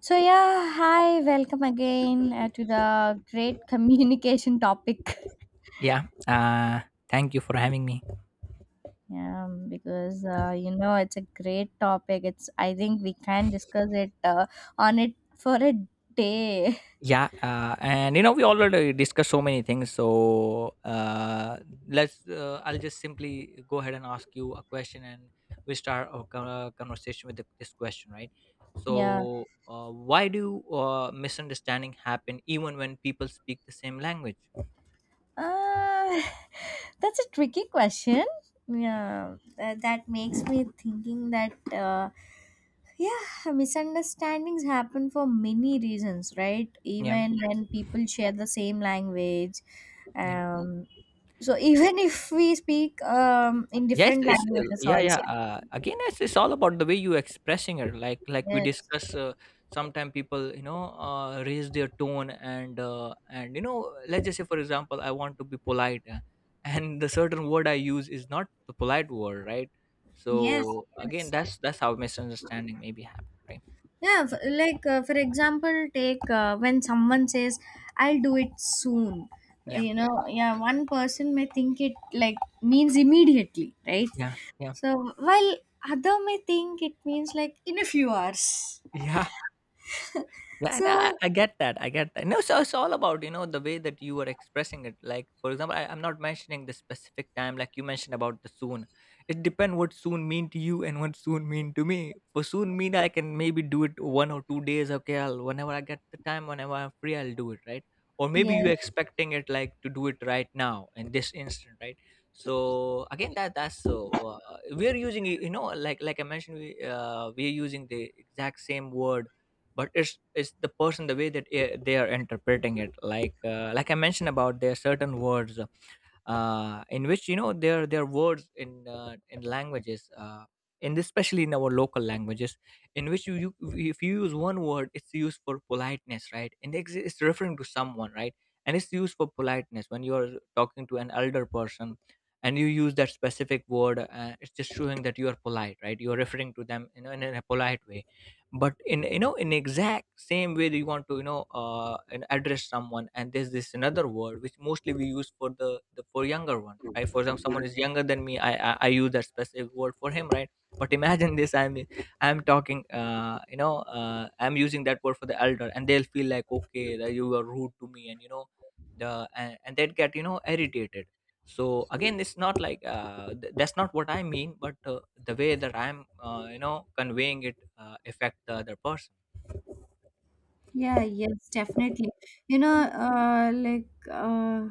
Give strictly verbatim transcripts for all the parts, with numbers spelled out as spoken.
So yeah, hi, welcome again uh, to the great communication topic. Yeah. Uh, thank you for having me. Um, because uh, you know it's a great topic. It's I think we can discuss it uh, on it for a day. Yeah. Uh, and you know, we already discussed so many things. So uh, let's. Uh, I'll just simply go ahead and ask you a question, and we start our con- uh, conversation with the, this question, right? Yeah. So, uh, why do uh, misunderstanding happen even when people speak the same language? Uh, that's a tricky question. Yeah, uh, that makes me thinking that uh, yeah, misunderstandings happen for many reasons, right? Yeah. Even when people share the same language. Yeah. um, So, even if we speak um, in Yes, different it's, uh, languages yeah, yeah. also. Uh, again, it's, it's all about the way you expressing it. Like, like we Yes. discuss. Uh, Sometimes people, you know, uh, raise their tone and uh, and you know, let's just say, for example, I want to be polite, uh, and the certain word I use is not the polite word, right? Yes. So again, Yes. that's that's how misunderstanding maybe happen, right? Yeah. f- Like uh, for example, take uh, when someone says, "I'll do it soon." uh, Yeah, You know, yeah. One person may think it like means immediately, right? yeah, yeah, So while other may think it means like in a few hours. yeah. Yeah, no, So, I, I get that. I get that. No, so it's all about, you know, the way that you are expressing it. Like, for example, I, I'm not mentioning the specific time, like you mentioned about the soon. It depends what soon mean to you and what soon mean to me. For soon mean, I can maybe do it one or two days. Okay, I'll, whenever I get the time, whenever I'm free, I'll do it, right? Or maybe you yeah. expecting it like to do it right now in this instant, right? So again, that that's so uh, we're using, you know, like like I mentioned, we uh, we're using the exact same word, but it's it's the person, the way that eh, they are interpreting it, like uh, like I mentioned, about there are certain words, uh, in which you know there there are words in uh, in languages, uh, in especially in our local languages, in which you, you if you use one word, it's used for politeness, right, and it's, it's referring to someone, right, and it's used for politeness when you're talking to an elder person, and you use that specific word. Uh, it's just showing that you are polite, right, you're referring to them, you know, in a in a polite way. But in, you know, in exact same way that you want to, you know, uh and address someone, and there's this another word which mostly we use for the, the for younger one, right. For example, someone is younger than me, I, I i use that specific word for him, right. But imagine this, i'm i'm talking, uh you know, uh I'm using that word for the elder, and they'll feel like, okay, that you were rude to me, and you know, the and, and they'd get, you know, irritated. So again, it's not like, uh, th- that's not what I mean, but uh, the way that I'm, uh, you know, conveying it, uh, affect the other person. Yeah, yes, definitely. You know, uh, like uh,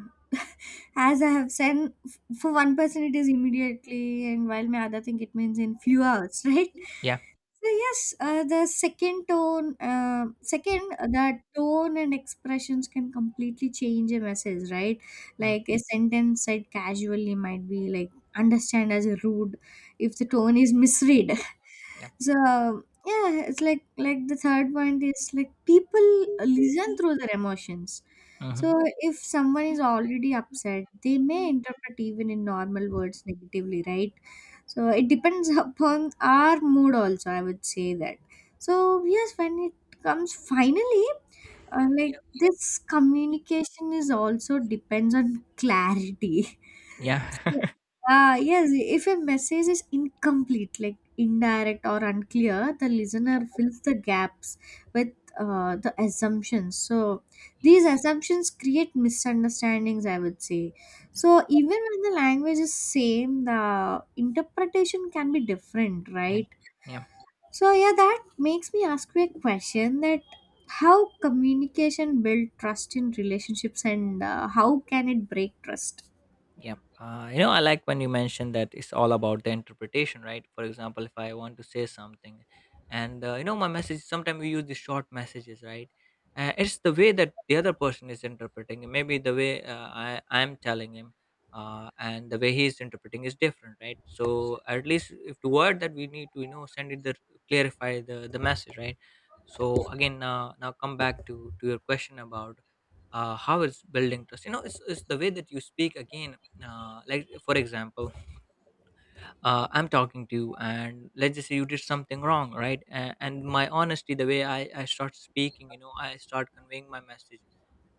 as I have said, f- for one person it is immediately, and while my other thing it means in Yeah, few hours, right? yeah, So yes, uh, the second tone, uh, second uh, the tone and expressions can completely change a message, right? yeah, Like a sentence said casually might be like understand as rude if the tone is misread. yeah. So yeah, it's like like the third point is, like, people listen through their emotions. Mm-hmm. So if someone is already upset, they may interpret even in normal words negatively, right? So it depends upon our mood also, I would say that. So yes, when it comes finally, uh, like Yeah, this communication is also depends on clarity. yeah. Ah, yes, if a message is incomplete, like indirect or unclear, the listener fills the gaps with uh, the assumptions. So, Yeah, these assumptions create misunderstandings, I would say. So, even when the language is same, the interpretation can be different, yeah, right? yeah. So, yeah, that makes me ask you a question, that how communication build trust in relationships and uh, how can it break trust? Yeah. Uh, you know, I like when you mentioned that it's all about the interpretation, right? For example, if I want to say something and, uh, you know, my message, sometimes we use the short messages, right? Uh, it's the way that the other person is interpreting it. Maybe the way, uh, I, I'm telling him, uh, and the way he's interpreting is different, right? So at least if the word that we need to, you know, send it the clarify the, the message, right? So again, uh, now come back to, to your question about uh, how it's building trust. You know, it's, it's the way that you speak again, uh, like for example, uh, I'm talking to you, and let's just say you did something wrong, right, and, and my honesty, the way I, I start speaking, you know, I start conveying my message.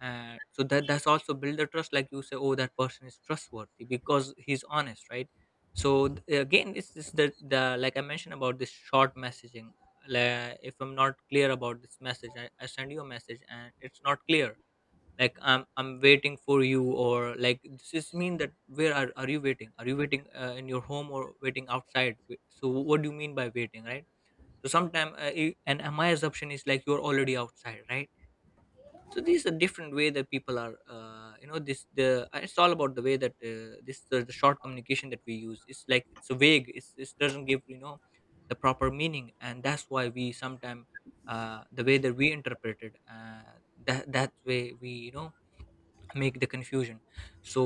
uh, So that that's also build the trust. Like you say, oh, that person is trustworthy because he's honest, right. So th- again, it's, it's the, the like I mentioned about this short messaging. Like if I'm not clear about this message, I, I send you a message and it's not clear. Like i'm i'm waiting for you, or like this is mean that where are, are you waiting, are you waiting uh, in your home or waiting outside? Wait- so what do you mean by waiting, right? So sometimes, uh, you- and uh, my assumption is like you're already outside, right. So these are different way that people are, uh, you know, this the uh, it's all about the way that, uh, this the, the short communication that we use, it's like it's vague, it's, it doesn't give, you know, the proper meaning. And that's why we sometimes, uh, the way that we interpret it, uh, that that way we, you know, make the confusion. So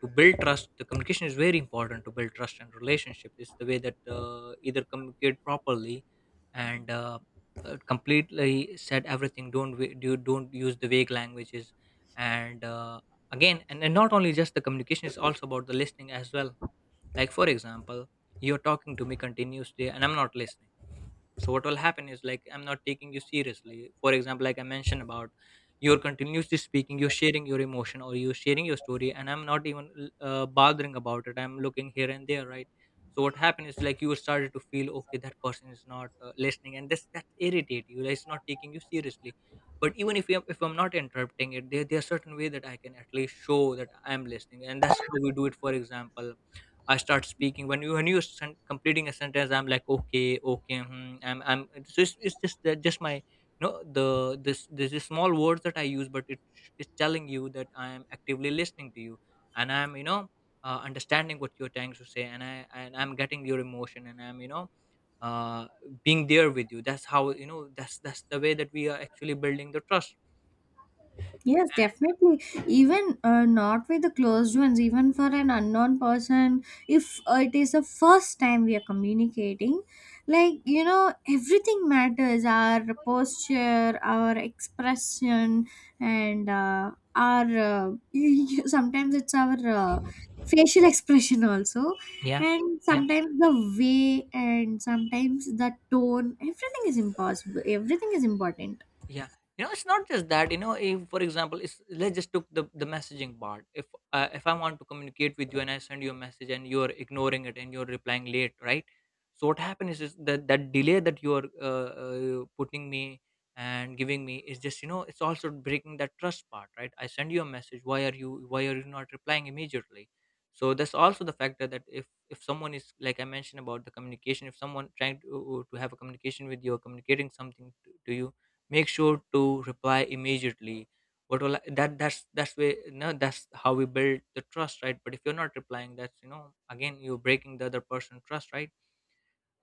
to build trust, the communication is very important. To build trust and relationship is the way that, uh, either communicate properly, and uh, uh, completely said everything. Don't wa- do don't use the vague languages. And uh, again, and, and not only just the communication, is also about the listening as well. Like for example, you're talking to me continuously and I'm not listening. So what will happen is like I'm not taking you seriously. For example, like I mentioned about, you're continuously speaking, you're sharing your emotion or you're sharing your story, and I'm not even uh, bothering about it, I'm looking here and there, right. So what happened is like, you started to feel, okay, that person is not uh, listening, and this that irritate you like, it's not taking you seriously. But even if you, if I'm not interrupting it, there, there are certain way that I can at least show that I'm listening, and that's how we do it. For example, I start speaking when you when you sen- completing a sentence, I'm like okay, okay, hmm, I'm I'm so it's just it's just that just my, you know, the this this is small words that I use, but it it's telling you that I am actively listening to you, and I'm, you know, uh, understanding what you're trying to say, and I and I'm getting your emotion, and I'm, you know, uh, being there with you. That's how, you know, that's that's the way that we are actually building the trust. Yes, definitely. Even uh, not with the closed ones, even for an unknown person, if uh, it is the first time we are communicating, like, you know, everything matters our posture, our expression, and uh, our uh, you- sometimes it's our uh, facial expression also, Yeah, and sometimes the way, and sometimes the tone, everything is impossible, everything is important. yeah. You know, it's not just that, you know, if for example it's, let's just took the the messaging part, if uh, if I want to communicate with you and I send you a message and you're ignoring it and you're replying late, right. So what happens is that that delay that you're uh, uh, putting me and giving me is just, you know, it's also breaking that trust part, right. I send you a message, why are you why are you not replying immediately. So that's also the factor that if if someone is like I mentioned about the communication, if someone trying to, to have a communication with you or communicating something to, to you, make sure to reply immediately. what will I, that that's that's way. No, that's how we build the trust, right. But if you're not replying, that's, you know, again, you're breaking the other person trust, right.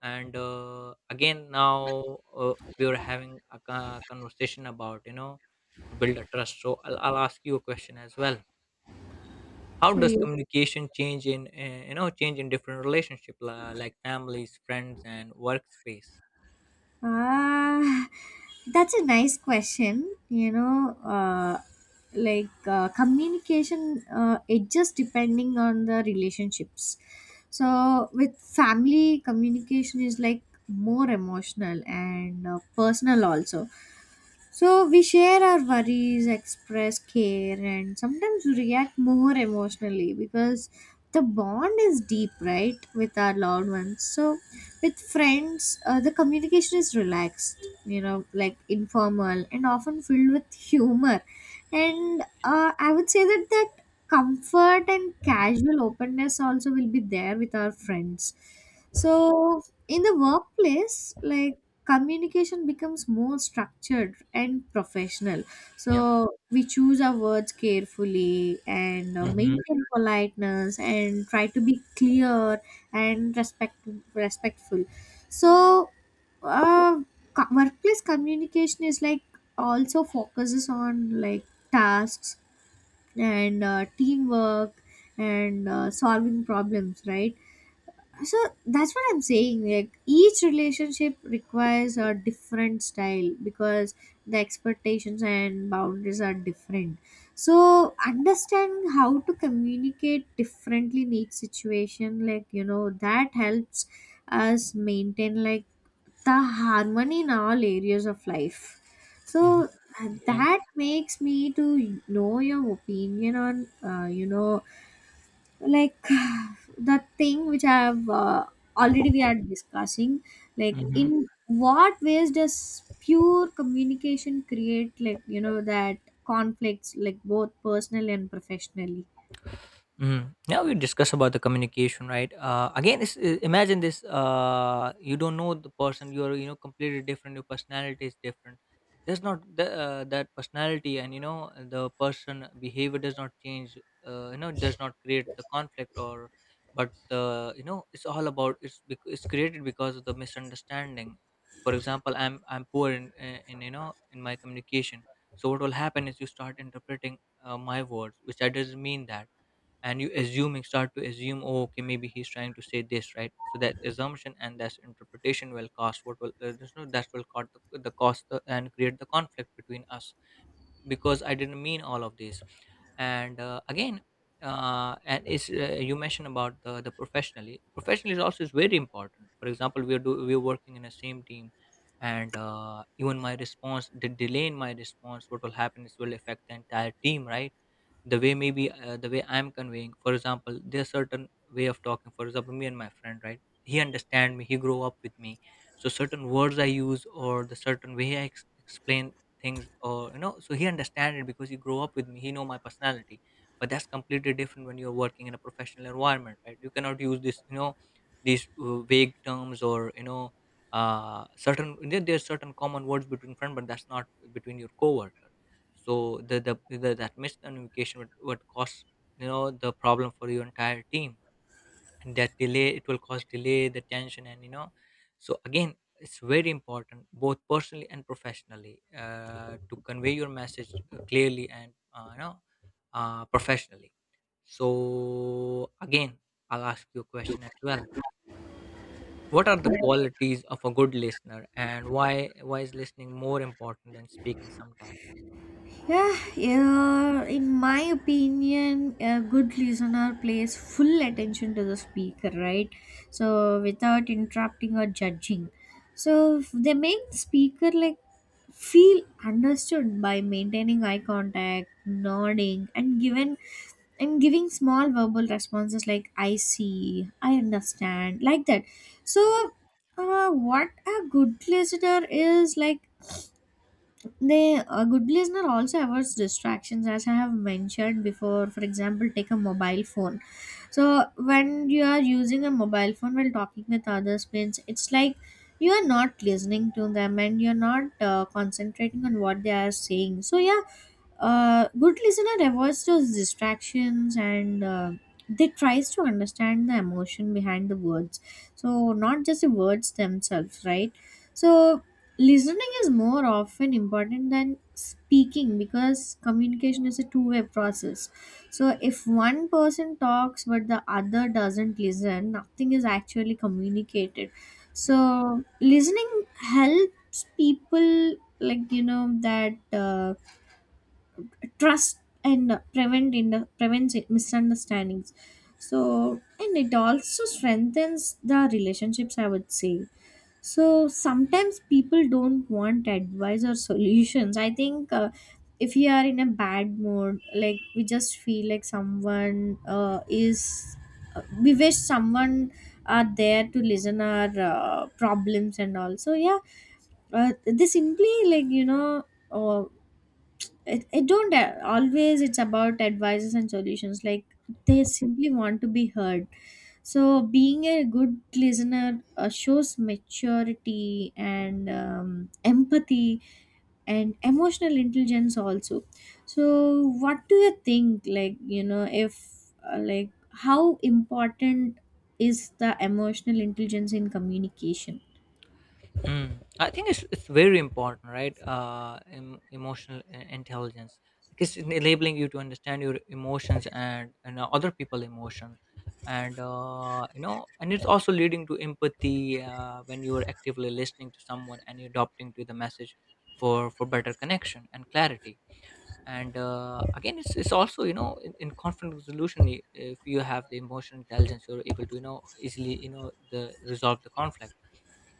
And uh, again now, uh, we are having a co- conversation about, you know, to build a trust. So I'll, I'll ask you a question as well. How So, does yeah. communication change in, uh, you know, change in different relationship, la- like families, friends, and workspace? Ah, that's a nice question. You know, uh, like uh, communication, uh, it just depending on the relationships. So with family, communication is like more emotional and uh, personal also. So we share our worries, express care, and sometimes react more emotionally because the bond is deep, right, with our loved ones. So with friends, uh, the communication is relaxed, you know, like informal and often filled with humor. And uh, I would say that that comfort and casual openness also will be there with our friends. So in the workplace, like communication becomes more structured and professional. Yeah. So we choose our words carefully and uh, Mm-hmm. maintain politeness and try to be clear and respect respectful. So uh, co- workplace communication is like also focuses on like tasks and uh, teamwork and uh, solving problems, right? So that's what I'm saying, like each relationship requires a different style because the expectations and boundaries are different. So understand how to communicate differently in each situation, like you know that helps us maintain like the harmony in all areas of life. Mm-hmm. So uh, that makes me to know your opinion on uh, you know like the thing which I have uh, already we are discussing, like Yeah. in what ways does pure communication create, like, you know that conflicts, like both personal and professionally? Mm. Now we discuss about the communication, right? Uh, again, it's, uh, imagine this: uh, you don't know the person. You're, you know, completely different. Your personality is different. There's not the, uh, that personality, and you know, the person behavior does not change. Uh, you know, does not create the conflict, or but uh, you know, it's all about it's bec- it's created because of the misunderstanding. For example, I'm I'm poor in, in in, you know, in my communication. So what will happen is you start interpreting uh, my words, which I doesn't mean that, and you assuming start to assume, oh okay, maybe he's trying to say this, right? So that assumption and that's interpretation will cost, what will uh, there's no that will cost the, the cost the, and create the conflict between us, because I didn't mean all of this. And uh, again, uh, and it's, uh, you mentioned about the, the professionally professionally is also is very important. For example, we are do, we are working in the same team, and uh, even my response, the delay in my response, what will happen is will affect the entire team, right? The way, maybe uh, the way I'm conveying, for example, there's certain way of talking. For example, me and my friend, right? He understand me, he grow up with me, so certain words I use or the certain way i ex- explain things, or you know, so he understand it because he grow up with me, he know my personality. But that's completely different when you're working in a professional environment, right? You cannot use this you know these uh, vague terms, or you know uh certain, there, there's certain common words between friend, but that's not between your coworker. So the the, the that miscommunication would, would cause, you know, the problem for your entire team, and that delay, it will cause delay, the tension, and you know. So again, it's very important, both personally and professionally, uh, to convey your message uh, clearly and, uh, you know uh, professionally. So again, I'll ask you a question as well. What are the qualities of a good listener, and why why is listening more important than speaking sometimes? Yeah, yeah, in my opinion, a good listener plays full attention to the speaker, right? So, without interrupting or judging. So, f- they make the speaker like feel understood by maintaining eye contact, nodding, and given and giving small verbal responses like I see, I understand, like that. So, uh, what a good listener is, like, they a good listener also avoids distractions, as I have mentioned before. For example, take a mobile phone. So when you are using a mobile phone while talking with others means it's like you are not listening to them and you're not uh, concentrating on what they are saying. So yeah, a good listener avoids those distractions and uh, they tries to understand the emotion behind the words, so not just the words themselves, right? So listening is more often important than speaking because communication is a two-way process. So Yeah. if one person talks but the other doesn't listen, nothing is actually communicated. Yeah. So listening helps people like you know that uh, trust and uh, prevent in the prevents it- misunderstandings. So, and it also strengthens the relationships, I would say. So sometimes people don't want advice or solutions, I think. Uh, if we are in a bad mood, like we just feel like someone uh, is, uh, we wish someone are there to listen our uh, problems and all. So yeah, uh, they simply, like, you know uh, it, it don't uh, always it's about advices and solutions, like they simply want to be heard. So being a good listener uh, shows maturity and um, empathy and emotional intelligence also. So what do you think, like you know if uh, like how important is the emotional intelligence in communication? Mm. I think it's it's very important, right? Uh, em- emotional i- intelligence. Like, it's enabling you to understand your emotions and and uh, other people' emotion, and uh, you know, and it's also leading to empathy uh, when you are actively listening to someone and you're adopting to the message for for better connection and clarity. And uh, again, it's it's also, you know, in, in conflict resolution, i- if you have the emotional intelligence, you're able to, you know, easily, you know, the resolve the conflict.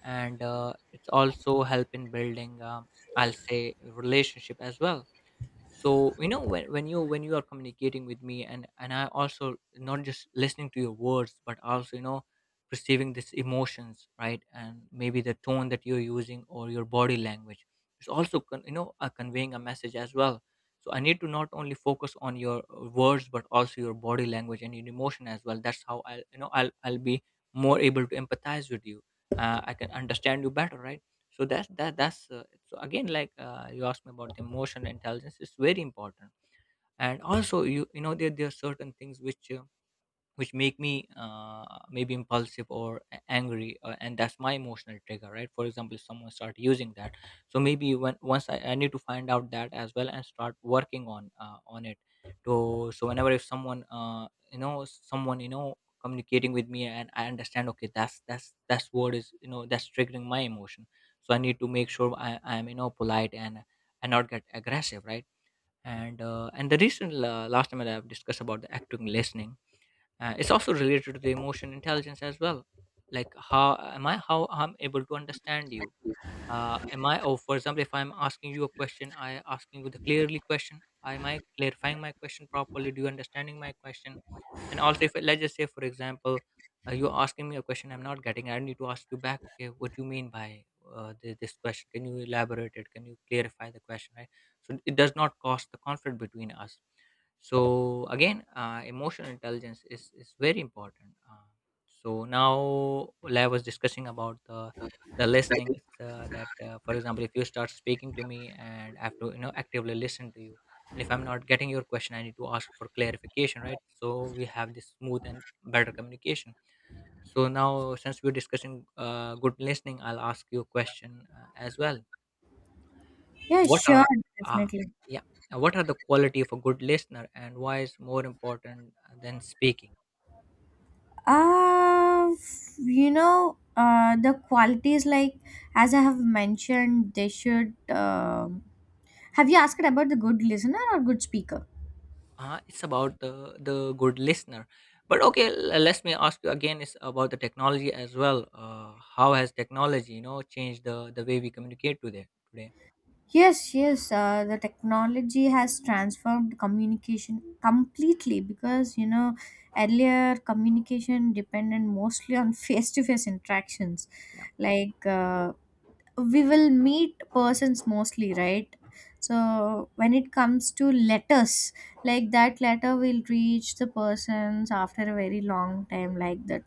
And uh, it's also help in building, um, I'll say relationship as well. So you know, when, when you when you are communicating with me, and and I also not just listening to your words, but also, you know, perceiving these emotions, right? And maybe the tone that you're using or your body language is also con- you know, uh, conveying a message as well. So I need to not only focus on your uh, words, but also your body language and your emotion as well. That's how I'll you know I'll, I'll be more able to empathize with you. uh, I can understand you better, right? So that's that that's uh, so again, like, uh, you asked me about the emotional intelligence, it's very important. And also, you you know, there, there are certain things which uh, which make me uh, maybe impulsive or a- angry, uh, and that's my emotional trigger, right? For example, if someone start using that. So maybe when once I, I need to find out that as well and start working on, uh, on it, to. So whenever, if someone, uh, you know someone, you know, communicating with me and I understand, okay, that's that's that's what is, you know, that's triggering my emotion. So I need to make sure I am, you know, polite and and not get aggressive, right? And uh, and the recent, uh, last time that I've discussed about the active listening, uh, it's also related to the emotion intelligence as well. Like, how am I, how I'm able to understand you, uh, am I, oh, for example, if I'm asking you a question, I asking you the clearly question, am I clarifying my question properly, do you understanding my question? And also, if let's just say for example, uh, you're asking me a question, I'm not getting, I need to ask you back, okay, what do you mean by uh, thi- this question? Can you elaborate it? Can you clarify the question, right? So it does not cause the conflict between us. So again, uh, emotional intelligence is is very important. Uh, so now, well, I was discussing about the the listening. it's, uh, that uh, for example, if you start speaking to me and I have to, you know, actively listen to you, and if I'm not getting your question, I need to ask for clarification, right? So we have this smooth and better communication. So now, since we're discussing, uh, good listening, I'll ask you a question, uh, as well. Yeah, What sure, are uh, definitely. yeah, uh, what are the quality of a good listener, and why is more important than speaking? Uh, you know, uh, the qualities, like as I have mentioned, they should. Um have you asked about the good listener or good speaker? Uh, it's about the the good listener. But okay, l- let me ask you again, it's about the technology as well. Uh, how has technology, you know, changed the the way we communicate today today Yes, yes. Uh, the technology has transformed communication completely, because you know earlier communication depended mostly on face-to-face interactions, Yeah. like. Uh, we will meet persons mostly, right? So when it comes to letters, like that letter will reach the persons after a very long time like that,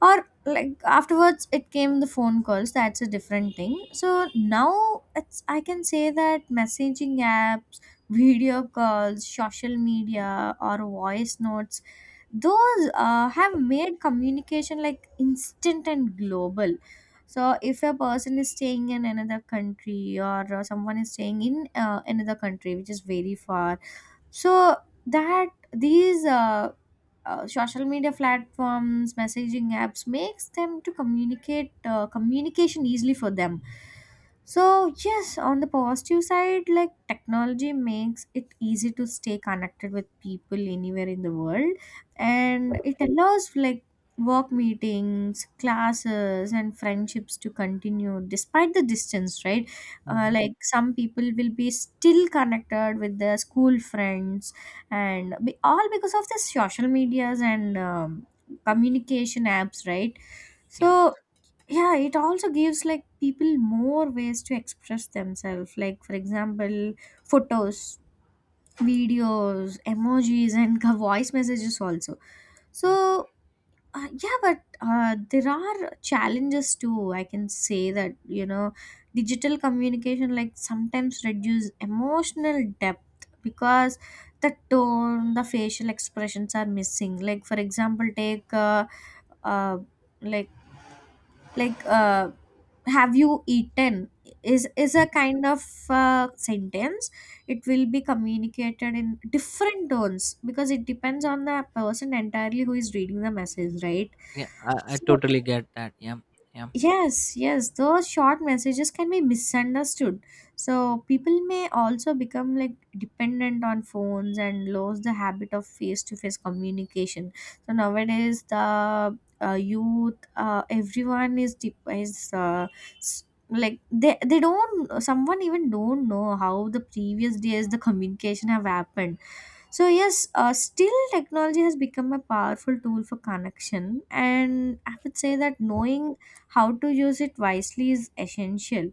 or like afterwards it came the phone calls, that's a different thing. So now it's, I can say that messaging apps, video calls, social media or voice notes, those uh, have made communication like instant and global. So if a person is staying in another country, or uh, someone is staying in uh, another country which is very far. So that these uh, uh, social media platforms, messaging apps makes them to communicate uh, communication easily for them. So yes, on the positive side, like technology makes it easy to stay connected with people anywhere in the world. And it allows like work meetings, classes, and friendships to continue despite the distance, right? Uh, hmm. Like some people will be still connected with their school friends and be, all because of the social medias and um, communication apps, right? Yeah. So yeah, it also gives like people more ways to express themselves, like for example photos, videos, emojis, and voice messages also. Yeah, So uh, yeah, but uh, there are challenges too. I can say that, you know, digital communication like sometimes reduce emotional depth because the tone, the facial expressions are missing. Like for example, take uh, uh, like like uh, have you eaten is is a kind of uh, sentence. It will be communicated in different tones because it depends on the person entirely who is reading the message, right? yeah, I, I So totally get that. Yeah, yeah, Yes, yes, those short messages can be misunderstood. So people may also become like dependent on phones and lose the habit of face-to-face communication. So nowadays, the uh, youth, uh, everyone is de- is uh, s- like they they don't, someone even don't know how the previous days the communication have happened. So yes, uh, still technology has become a powerful tool for connection, and I would say that knowing how to use it wisely is essential.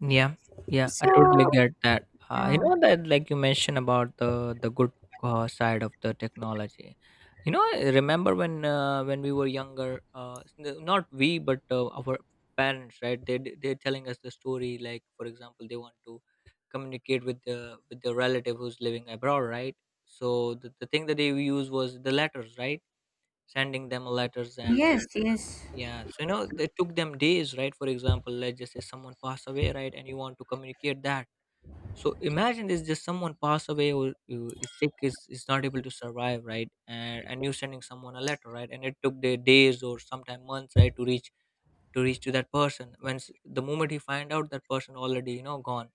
yeah, yeah. I totally So get that. Uh, you yeah, know that, like you mentioned about the the good uh, side of the technology. You know, I remember when, uh, when we were younger, uh, s- n- not we, but uh, our parents, right? They d- they're telling us the story. Like, for example, they want to communicate with the, with the relative who's living abroad, right? So the, the thing that they use was the letters, right? Sending them letters and, uh, yes, yes, yeah, so you know, it took them days, right? For example, let's just say someone passed away, right? And you want to communicate that. So imagine there's just someone passed away or, uh, is sick, is, is not able to survive, right? And and you're sending someone a letter, right? And it took their days or sometime months, right, to reach to reach to that person. When s- the moment he find out, that person already, you know, gone.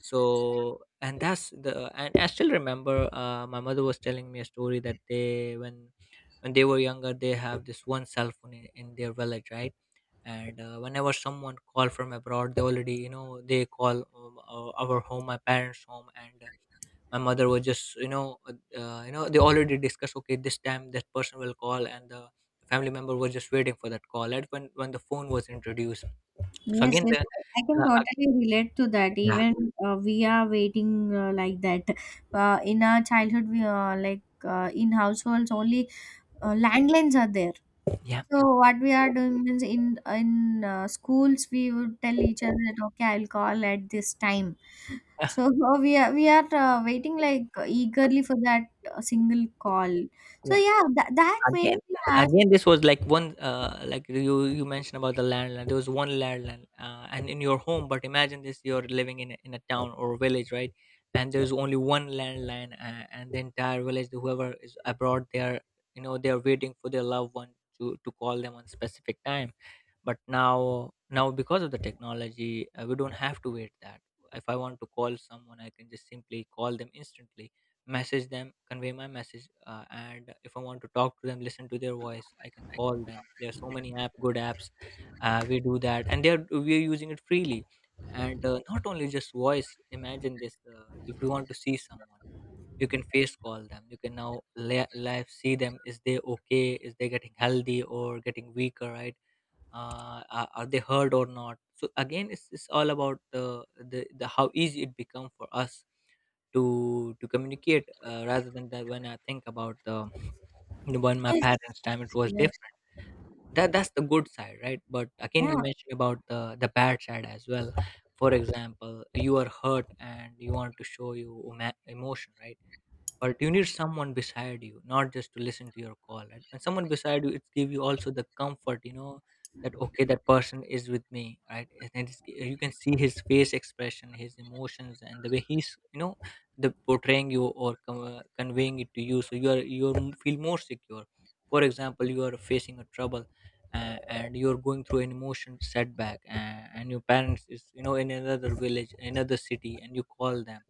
So, and that's the, and I still remember, uh, my mother was telling me a story that they, when when they were younger, they have this one cell phone in, in their village, right? And uh, whenever someone call from abroad, they already, you know, they call, um, our our home, my parents home, and uh, my mother was just, you know uh, uh, you know they already discuss, okay, this time that person will call, and the family member was just waiting for that call. And when when the phone was introduced, so yes, again yes. the, I I can uh, totally relate to that. yeah. Even uh, we are waiting uh, like that. Uh, in our childhood, we uh, like uh, in households only uh, landlines are there. Yeah. So what we are doing means in in uh, schools we would tell each other that okay I'll call at this time. So uh, we are we are uh, waiting like eagerly for that uh, single call. So Yeah, yeah, that that makes again, me ask. again this was like one, uh, like you you mentioned about the landline, there was one landline, uh, and in your home. But imagine this, you're living in a, in a town or a village, right? And there's only one landline, uh, and the entire village, whoever is abroad, they're, you know, they're waiting for their loved one to to call them on specific time. But now, now because of the technology, uh, we don't have to wait that. If I want to call someone, I can just simply call them instantly, message them, convey my message, uh, and if I want to talk to them, listen to their voice, I can call them. There are so many app, good apps, uh, we do that, and they're, we are using it freely. And uh, not only just voice, imagine this, uh, if you want to see someone, you can face call them, you can now li- live see them, is they okay, is they getting healthy or getting weaker, right? Uh, are are they heard or not? So again, it's, it's all about the, the the how easy it become for us to to communicate, uh, rather than that, when I think about the, you know, when my Yes, parents time, it was yes, different. That, that's the good side, right? But again, yeah, you mentioned about the the bad side as well. For example, you are hurt and you want to show your emo- emotion, right? But you need someone beside you, not just to listen to your call. And when someone beside you, it give you also the comfort, you know, that, okay, that person is with me, right? And then it's, you can see his face expression, his emotions, and the way he's, you know, the portraying you or, com- uh, conveying it to you, so you are, you are, feel more secure. For example, you are facing a trouble, uh, and you're going through an emotion setback, uh, and your parents is, you know, in another village, another city, and you call them,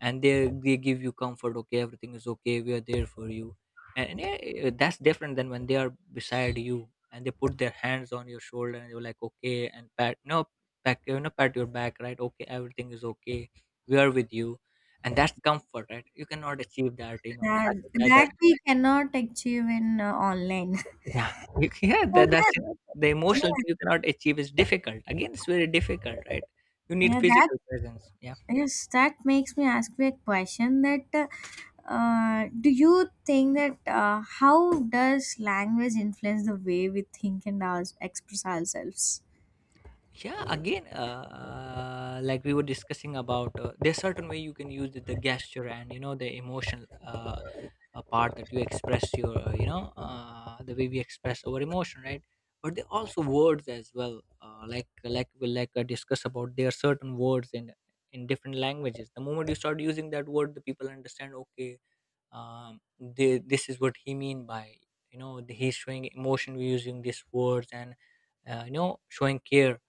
and they they give you comfort, okay, everything is okay, we are there for you. And yeah, eh, that's different than when they are beside you and they put their hands on your shoulder and you're like, okay, and pat, no, pat, you know, pat your back, right? Okay, everything is okay, we are with you. And that's comfort, right? You cannot achieve that, you know, that I think that, that that we cannot achieve in uh, online. yeah. You, can- yeah, So that, that, that's, you know, the emotional thing, you cannot achieve, is difficult. Again, it's very difficult, right? You yeah, need yeah, that physical presence. Yeah. yes, that makes me ask you a question. That uh, uh, do you think that uh, how does language influence the way we think and our, express ourselves? Yeah, again, uh, uh, like we were discussing about, uh, there's certain way you can use the, the gesture and, you know, the emotional, uh, uh, part that you express your, uh, you know uh, the way we express our emotion, right? But there are also words as well, uh, like, like we like, uh, discuss about, there are certain words in in different languages, the moment you start using that word, the people understand, okay, um, the, this is what he mean by, you know, the- he's showing emotion using these Words and uh, you know, showing care.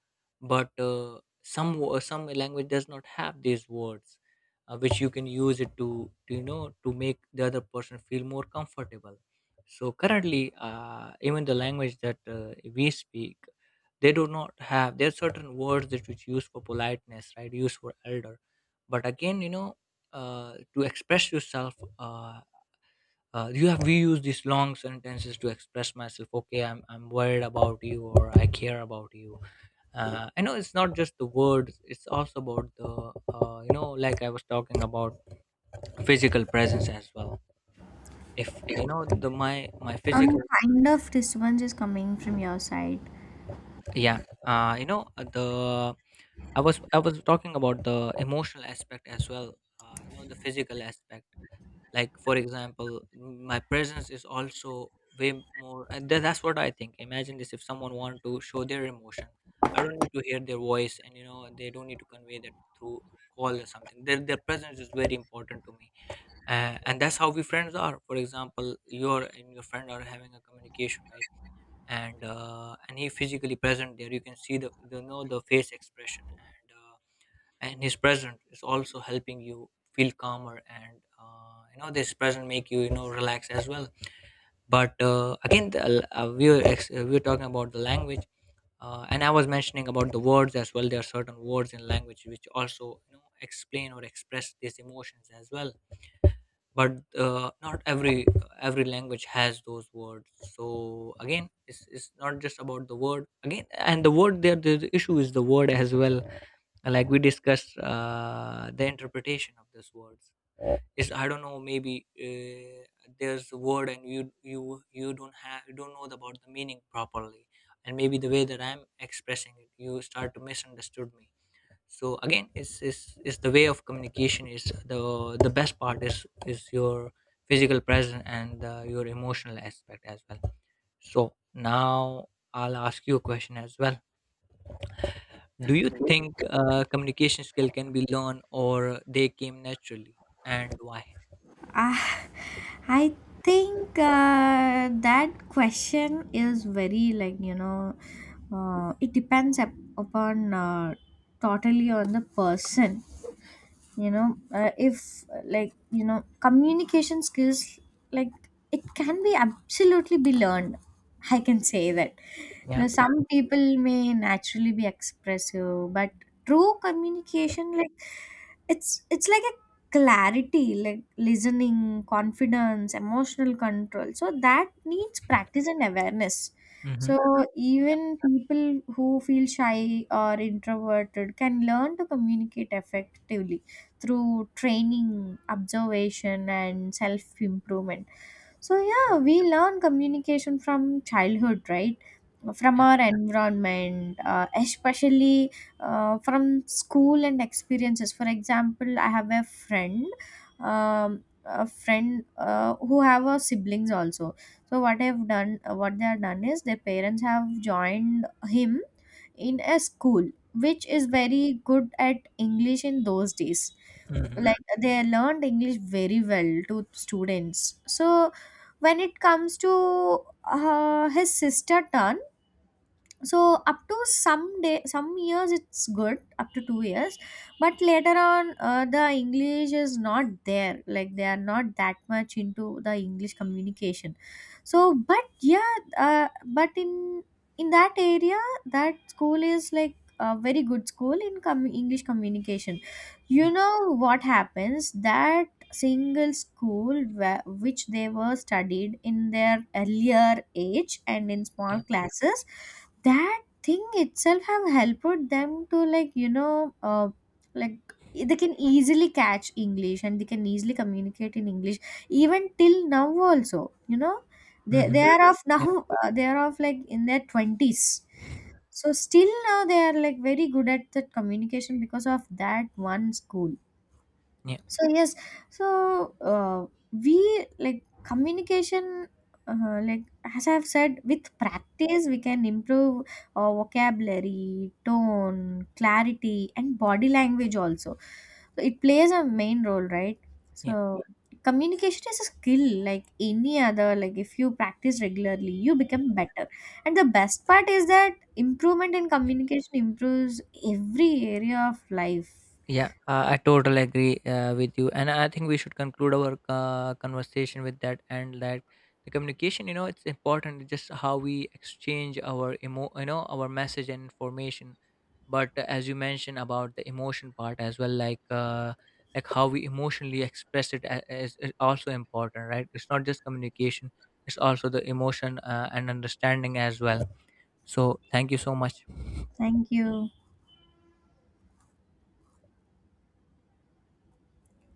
But uh, some wo- some language does not have these words uh, which you can use it to, to you know, to make the other person feel more comfortable. So currently, uh, even the language that uh, we speak, they do not have, there are certain words that which used for politeness, right, used for elder. But again, you know, uh, to express yourself, uh, uh, you have we use these long sentences to express myself. Okay, i'm i'm worried about you or I care about you. uh, I know it's not just the words, it's also about the, uh, you know, like I was talking about physical presence as well. If you know the, my my Some physical, kind of response is coming from your side. yeah. Uh, you know uh, the, i was i was talking about the emotional aspect as well. Uh, you know, the physical aspect. Like for example, my presence is also way more, and tha- that's what I think. Imagine this, if someone want to show their emotion, I don't need to hear their voice, and you know, they don't need to convey that through call or something. Their, their presence is very important to me. Uh, and that's how we friends are. For example, you're and your friend are having a communication, right? And uh, and he physically present there, you can see the, the know the face expression, and his presence is also helping you feel calmer, and uh, you know, this present make you, you know, relax as well. But uh, again, the, uh, we were ex- uh, we were talking about the language, uh, and I was mentioning about the words as well. There are certain words in language which also, you know, explain or express these emotions as well. But uh, not every, uh, every language has those words. So again, it's, it's not just about the word again, and the word there, the the issue is the word as well. Like we discussed, uh, the interpretation of these words is, I don't know, maybe uh, there's a word and you you you don't have, you don't know about the meaning properly, and maybe the way that I'm expressing it, you start to misunderstood me. So again, it's, it's, it's the way of communication is, the the best part is is your physical presence and uh, your emotional aspect as well. So now, I'll ask you a question as well. Do you think uh, communication skill can be learned, or they came naturally, and why? Ah, I think uh, that question is very like, you know, uh, it depends up, upon uh, totally on the person. You know, uh, if like you know, communication skills like it can be absolutely be learned. I can say that. Yeah. Now, some people may naturally be expressive, but true communication like it's it's like a clarity, like listening, confidence, emotional control, so that needs practice and awareness. Mm-hmm. So Yeah. even people who feel shy or introverted can learn to communicate effectively through training, observation, and self improvement. So yeah, Mm-hmm. we learn communication from childhood, right? From Yeah. our environment, uh, especially uh, from school and experiences. For example, I have a friend, um, a friend uh, who have a siblings also. So what I've done, what they have done is their parents have joined him in a school which is very good at English in those days, Mm-hmm. like they learned English very well to students. So when it comes to uh, his sister turn, so up to some day, some years it's good, up to two years, but later on uh, the English is not there, like they are not that much into the English communication. So but yeah, uh, but in in that area that school is like a very good school in com- English communication. You Yeah. know what happens that single school where, which they were studied in their earlier age and in small Yeah. classes, that thing itself have helped them to, like, you know uh, like they can easily catch English and they can easily communicate in English even till now also. you know they they Mhm. are of Yeah, now, uh, they are of like in their twenties. So still now they are like very good at the communication because of that one school. yeah, So yes. So uh, we like communication, uh, like as I've said, with practice we can improve our vocabulary, tone, clarity and body language also. So it plays a main role, right? yeah, So communication is a skill like any other, like if you practice regularly you become better, and the best part is that improvement in communication improves every area of life. yeah. Uh, I totally agree uh, with you, and I think we should conclude our uh, conversation with that. And that the communication, you know, it's important. Just how we exchange our emo, you know, our message and information. But as you mentioned about the emotion part as well, like, uh, like how we emotionally express it a- is, is also important, right? It's not just communication; it's also the emotion uh, and understanding as well. So, thank you so much. Thank you.